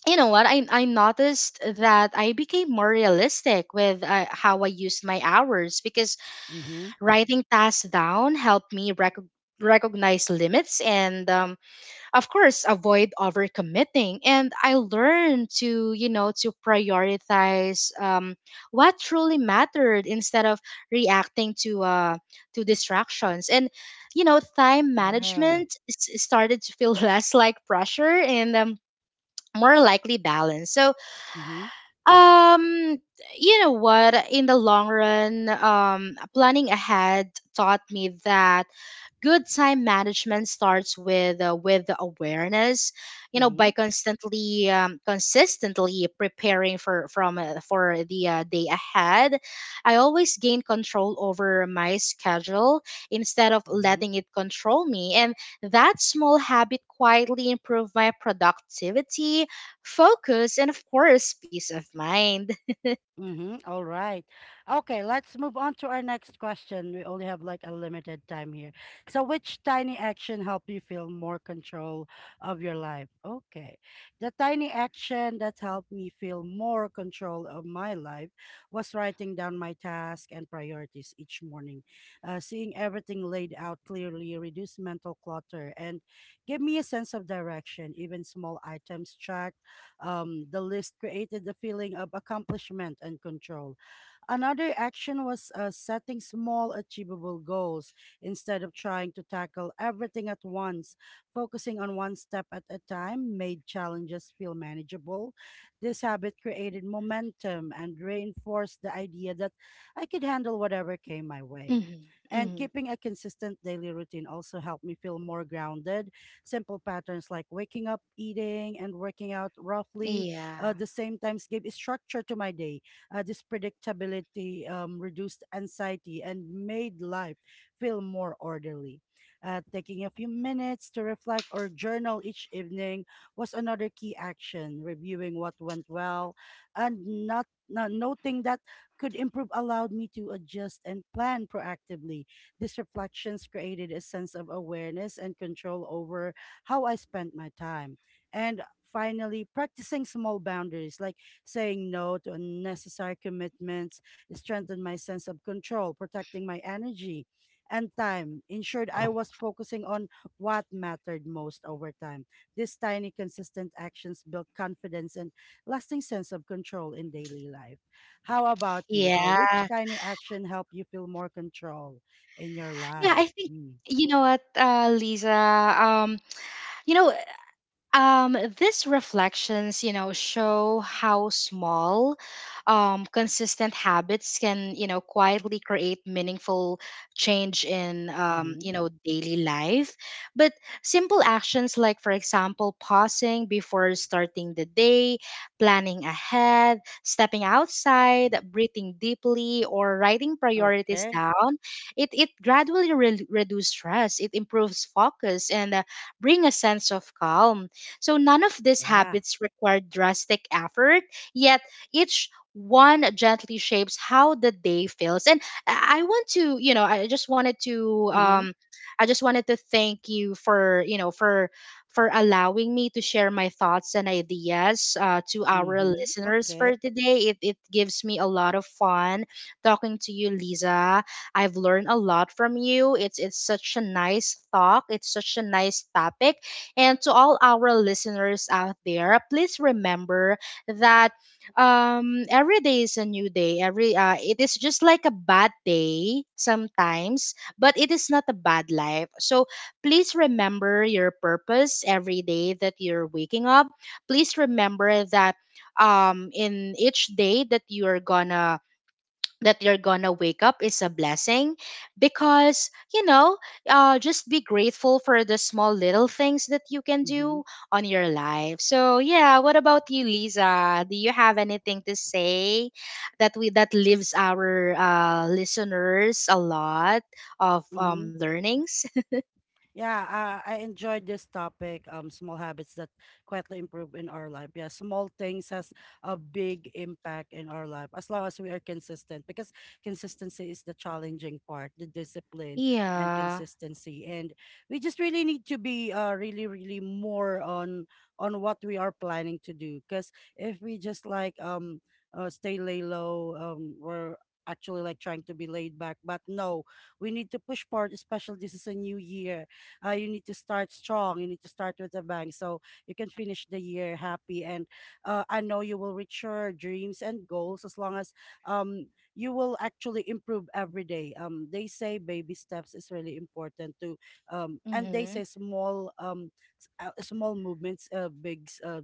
you know what I noticed that I became more realistic with how I used my hours. Because
Mm-hmm.
writing tasks down helped me recognize limits and, of course, avoid overcommitting. And I learned to, to prioritize what truly mattered instead of reacting to distractions. And time
Yeah.
management started to feel [laughs] less like pressure and more likely balance. So
Mm-hmm.
um, you know what? In the long run, planning ahead taught me that good time management starts with the awareness. You know,
Mm-hmm.
by consistently preparing for the day ahead, I always gain control over my schedule instead of
Mm-hmm.
letting it control me. And that small habit quietly improved my productivity, focus, and of course, peace of mind.
Mm-hmm. All right. Okay, let's move on to our next question. We only have like a limited time here. So, which tiny action helped you feel more control of your life? Okay. The tiny action that helped me feel more control of my life was writing down my tasks and priorities each morning. Seeing everything laid out clearly reduced mental clutter and gave me a sense of direction. Even small items tracked the list created the feeling of accomplishment and control. Another action was setting small, achievable goals instead of trying to tackle everything at once. Focusing on one step at a time made challenges feel manageable. This habit created momentum and reinforced the idea that I could handle whatever came my way.
Hmm.
And
Hmm.
keeping a consistent daily routine also helped me feel more grounded. Simple patterns like waking up, eating, and working out roughly
Yeah.
the same times gave structure to my day. This predictability reduced anxiety and made life feel more orderly. Taking a few minutes to reflect or journal each evening was another key action, reviewing what went well and not. Now, noting that could improve allowed me to adjust and plan proactively. These reflections created a sense of awareness and control over how I spent my time. And finally, practicing small boundaries like saying no to unnecessary commitments strengthened my sense of control, protecting my energy and time, ensured I was focusing on what mattered most over time. These tiny, consistent actions built confidence and lasting sense of control in daily life. How about you? Which
Yeah.
tiny action helped you feel more control in your
Yeah,
life?
I think,
Mm.
Lisa, um, you know, these reflections, show how small, consistent habits can, quietly create meaningful change in,
Mm-hmm.
daily life. But simple actions like, for example, pausing before starting the day, planning ahead, stepping outside, breathing deeply, or writing priorities
Okay.
down, it gradually reduces stress, it improves focus, and bring a sense of calm. So none of these
Yeah.
habits require drastic effort, yet each one gently shapes how the day feels. And I want to, I just wanted to
Mm-hmm.
I just wanted to thank you for, for allowing me to share my thoughts and ideas to our
Mm-hmm.
listeners
Okay.
for today. It gives me a lot of fun talking to you, Lisa. I've learned a lot from you. It's such a nice talk. It's such a nice topic. And to all our listeners out there, please remember that every day is a new day. Every it is just like a bad day sometimes, but it is not a bad life. So please remember your purpose every day that you're waking up. Please remember that in each day that you are gonna that you're gonna wake up is a blessing. Because you know, just be grateful for the small little things that you can
Mm-hmm.
do on your life. So yeah, what about you, Lisa? Do you have anything to say that we that leaves our listeners a lot of
Mm-hmm.
learnings?
Yeah, I enjoyed this topic. Small habits that quietly improve in our life. Yeah, small things has a big impact in our life as long as we are consistent. Because consistency is the challenging part, the
[laughs]
discipline and
Yeah.
consistency, and we just really need to be really really more on what we are planning to do. Because if we just like stay lay low, we're actually like trying to be laid back. But no, we need to push forward, especially this is a new year. You need to start strong. You need to start with a bang so you can finish the year happy. And I know you will reach your dreams and goals as long as um, you will actually improve every day. They say baby steps is really important to, and they
Mm-hmm.
say small small movements, big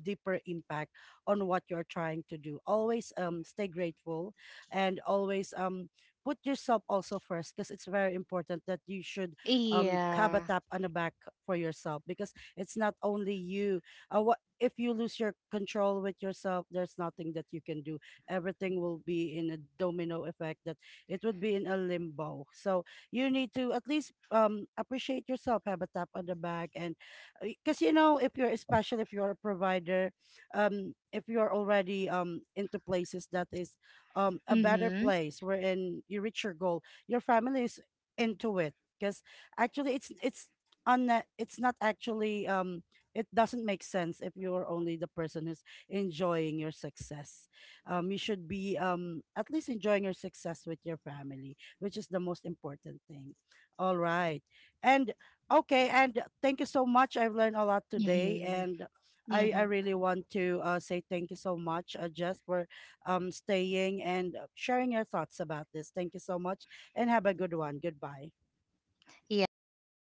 deeper impact on what you're trying to do. Always stay grateful and always put yourself also first, because it's very important that you should have a
Yeah.
tap on the back for yourself, because it's not only you. What if you lose your control with yourself? There's nothing that you can do. Everything will be in a domino effect, that it would be in a limbo. So you need to at least appreciate yourself, have a tap on the back, and because you know, if you're, especially if you're a provider, if you're already into places that is a better
Mm-hmm.
place wherein you reach your goal, your family is into it because. Actually, it's on, it's not actually, it doesn't make sense if you're only the person who's enjoying your success. You should be at least enjoying your success with your family, which is the most important thing. All right. And okay, and thank you so much. I've learned a lot today,
Mm-hmm.
and I
Mm-hmm.
really want to say thank you so much, Jess, for staying and sharing your thoughts about this. Thank you so much and have a good one. Goodbye.
Yeah, bye.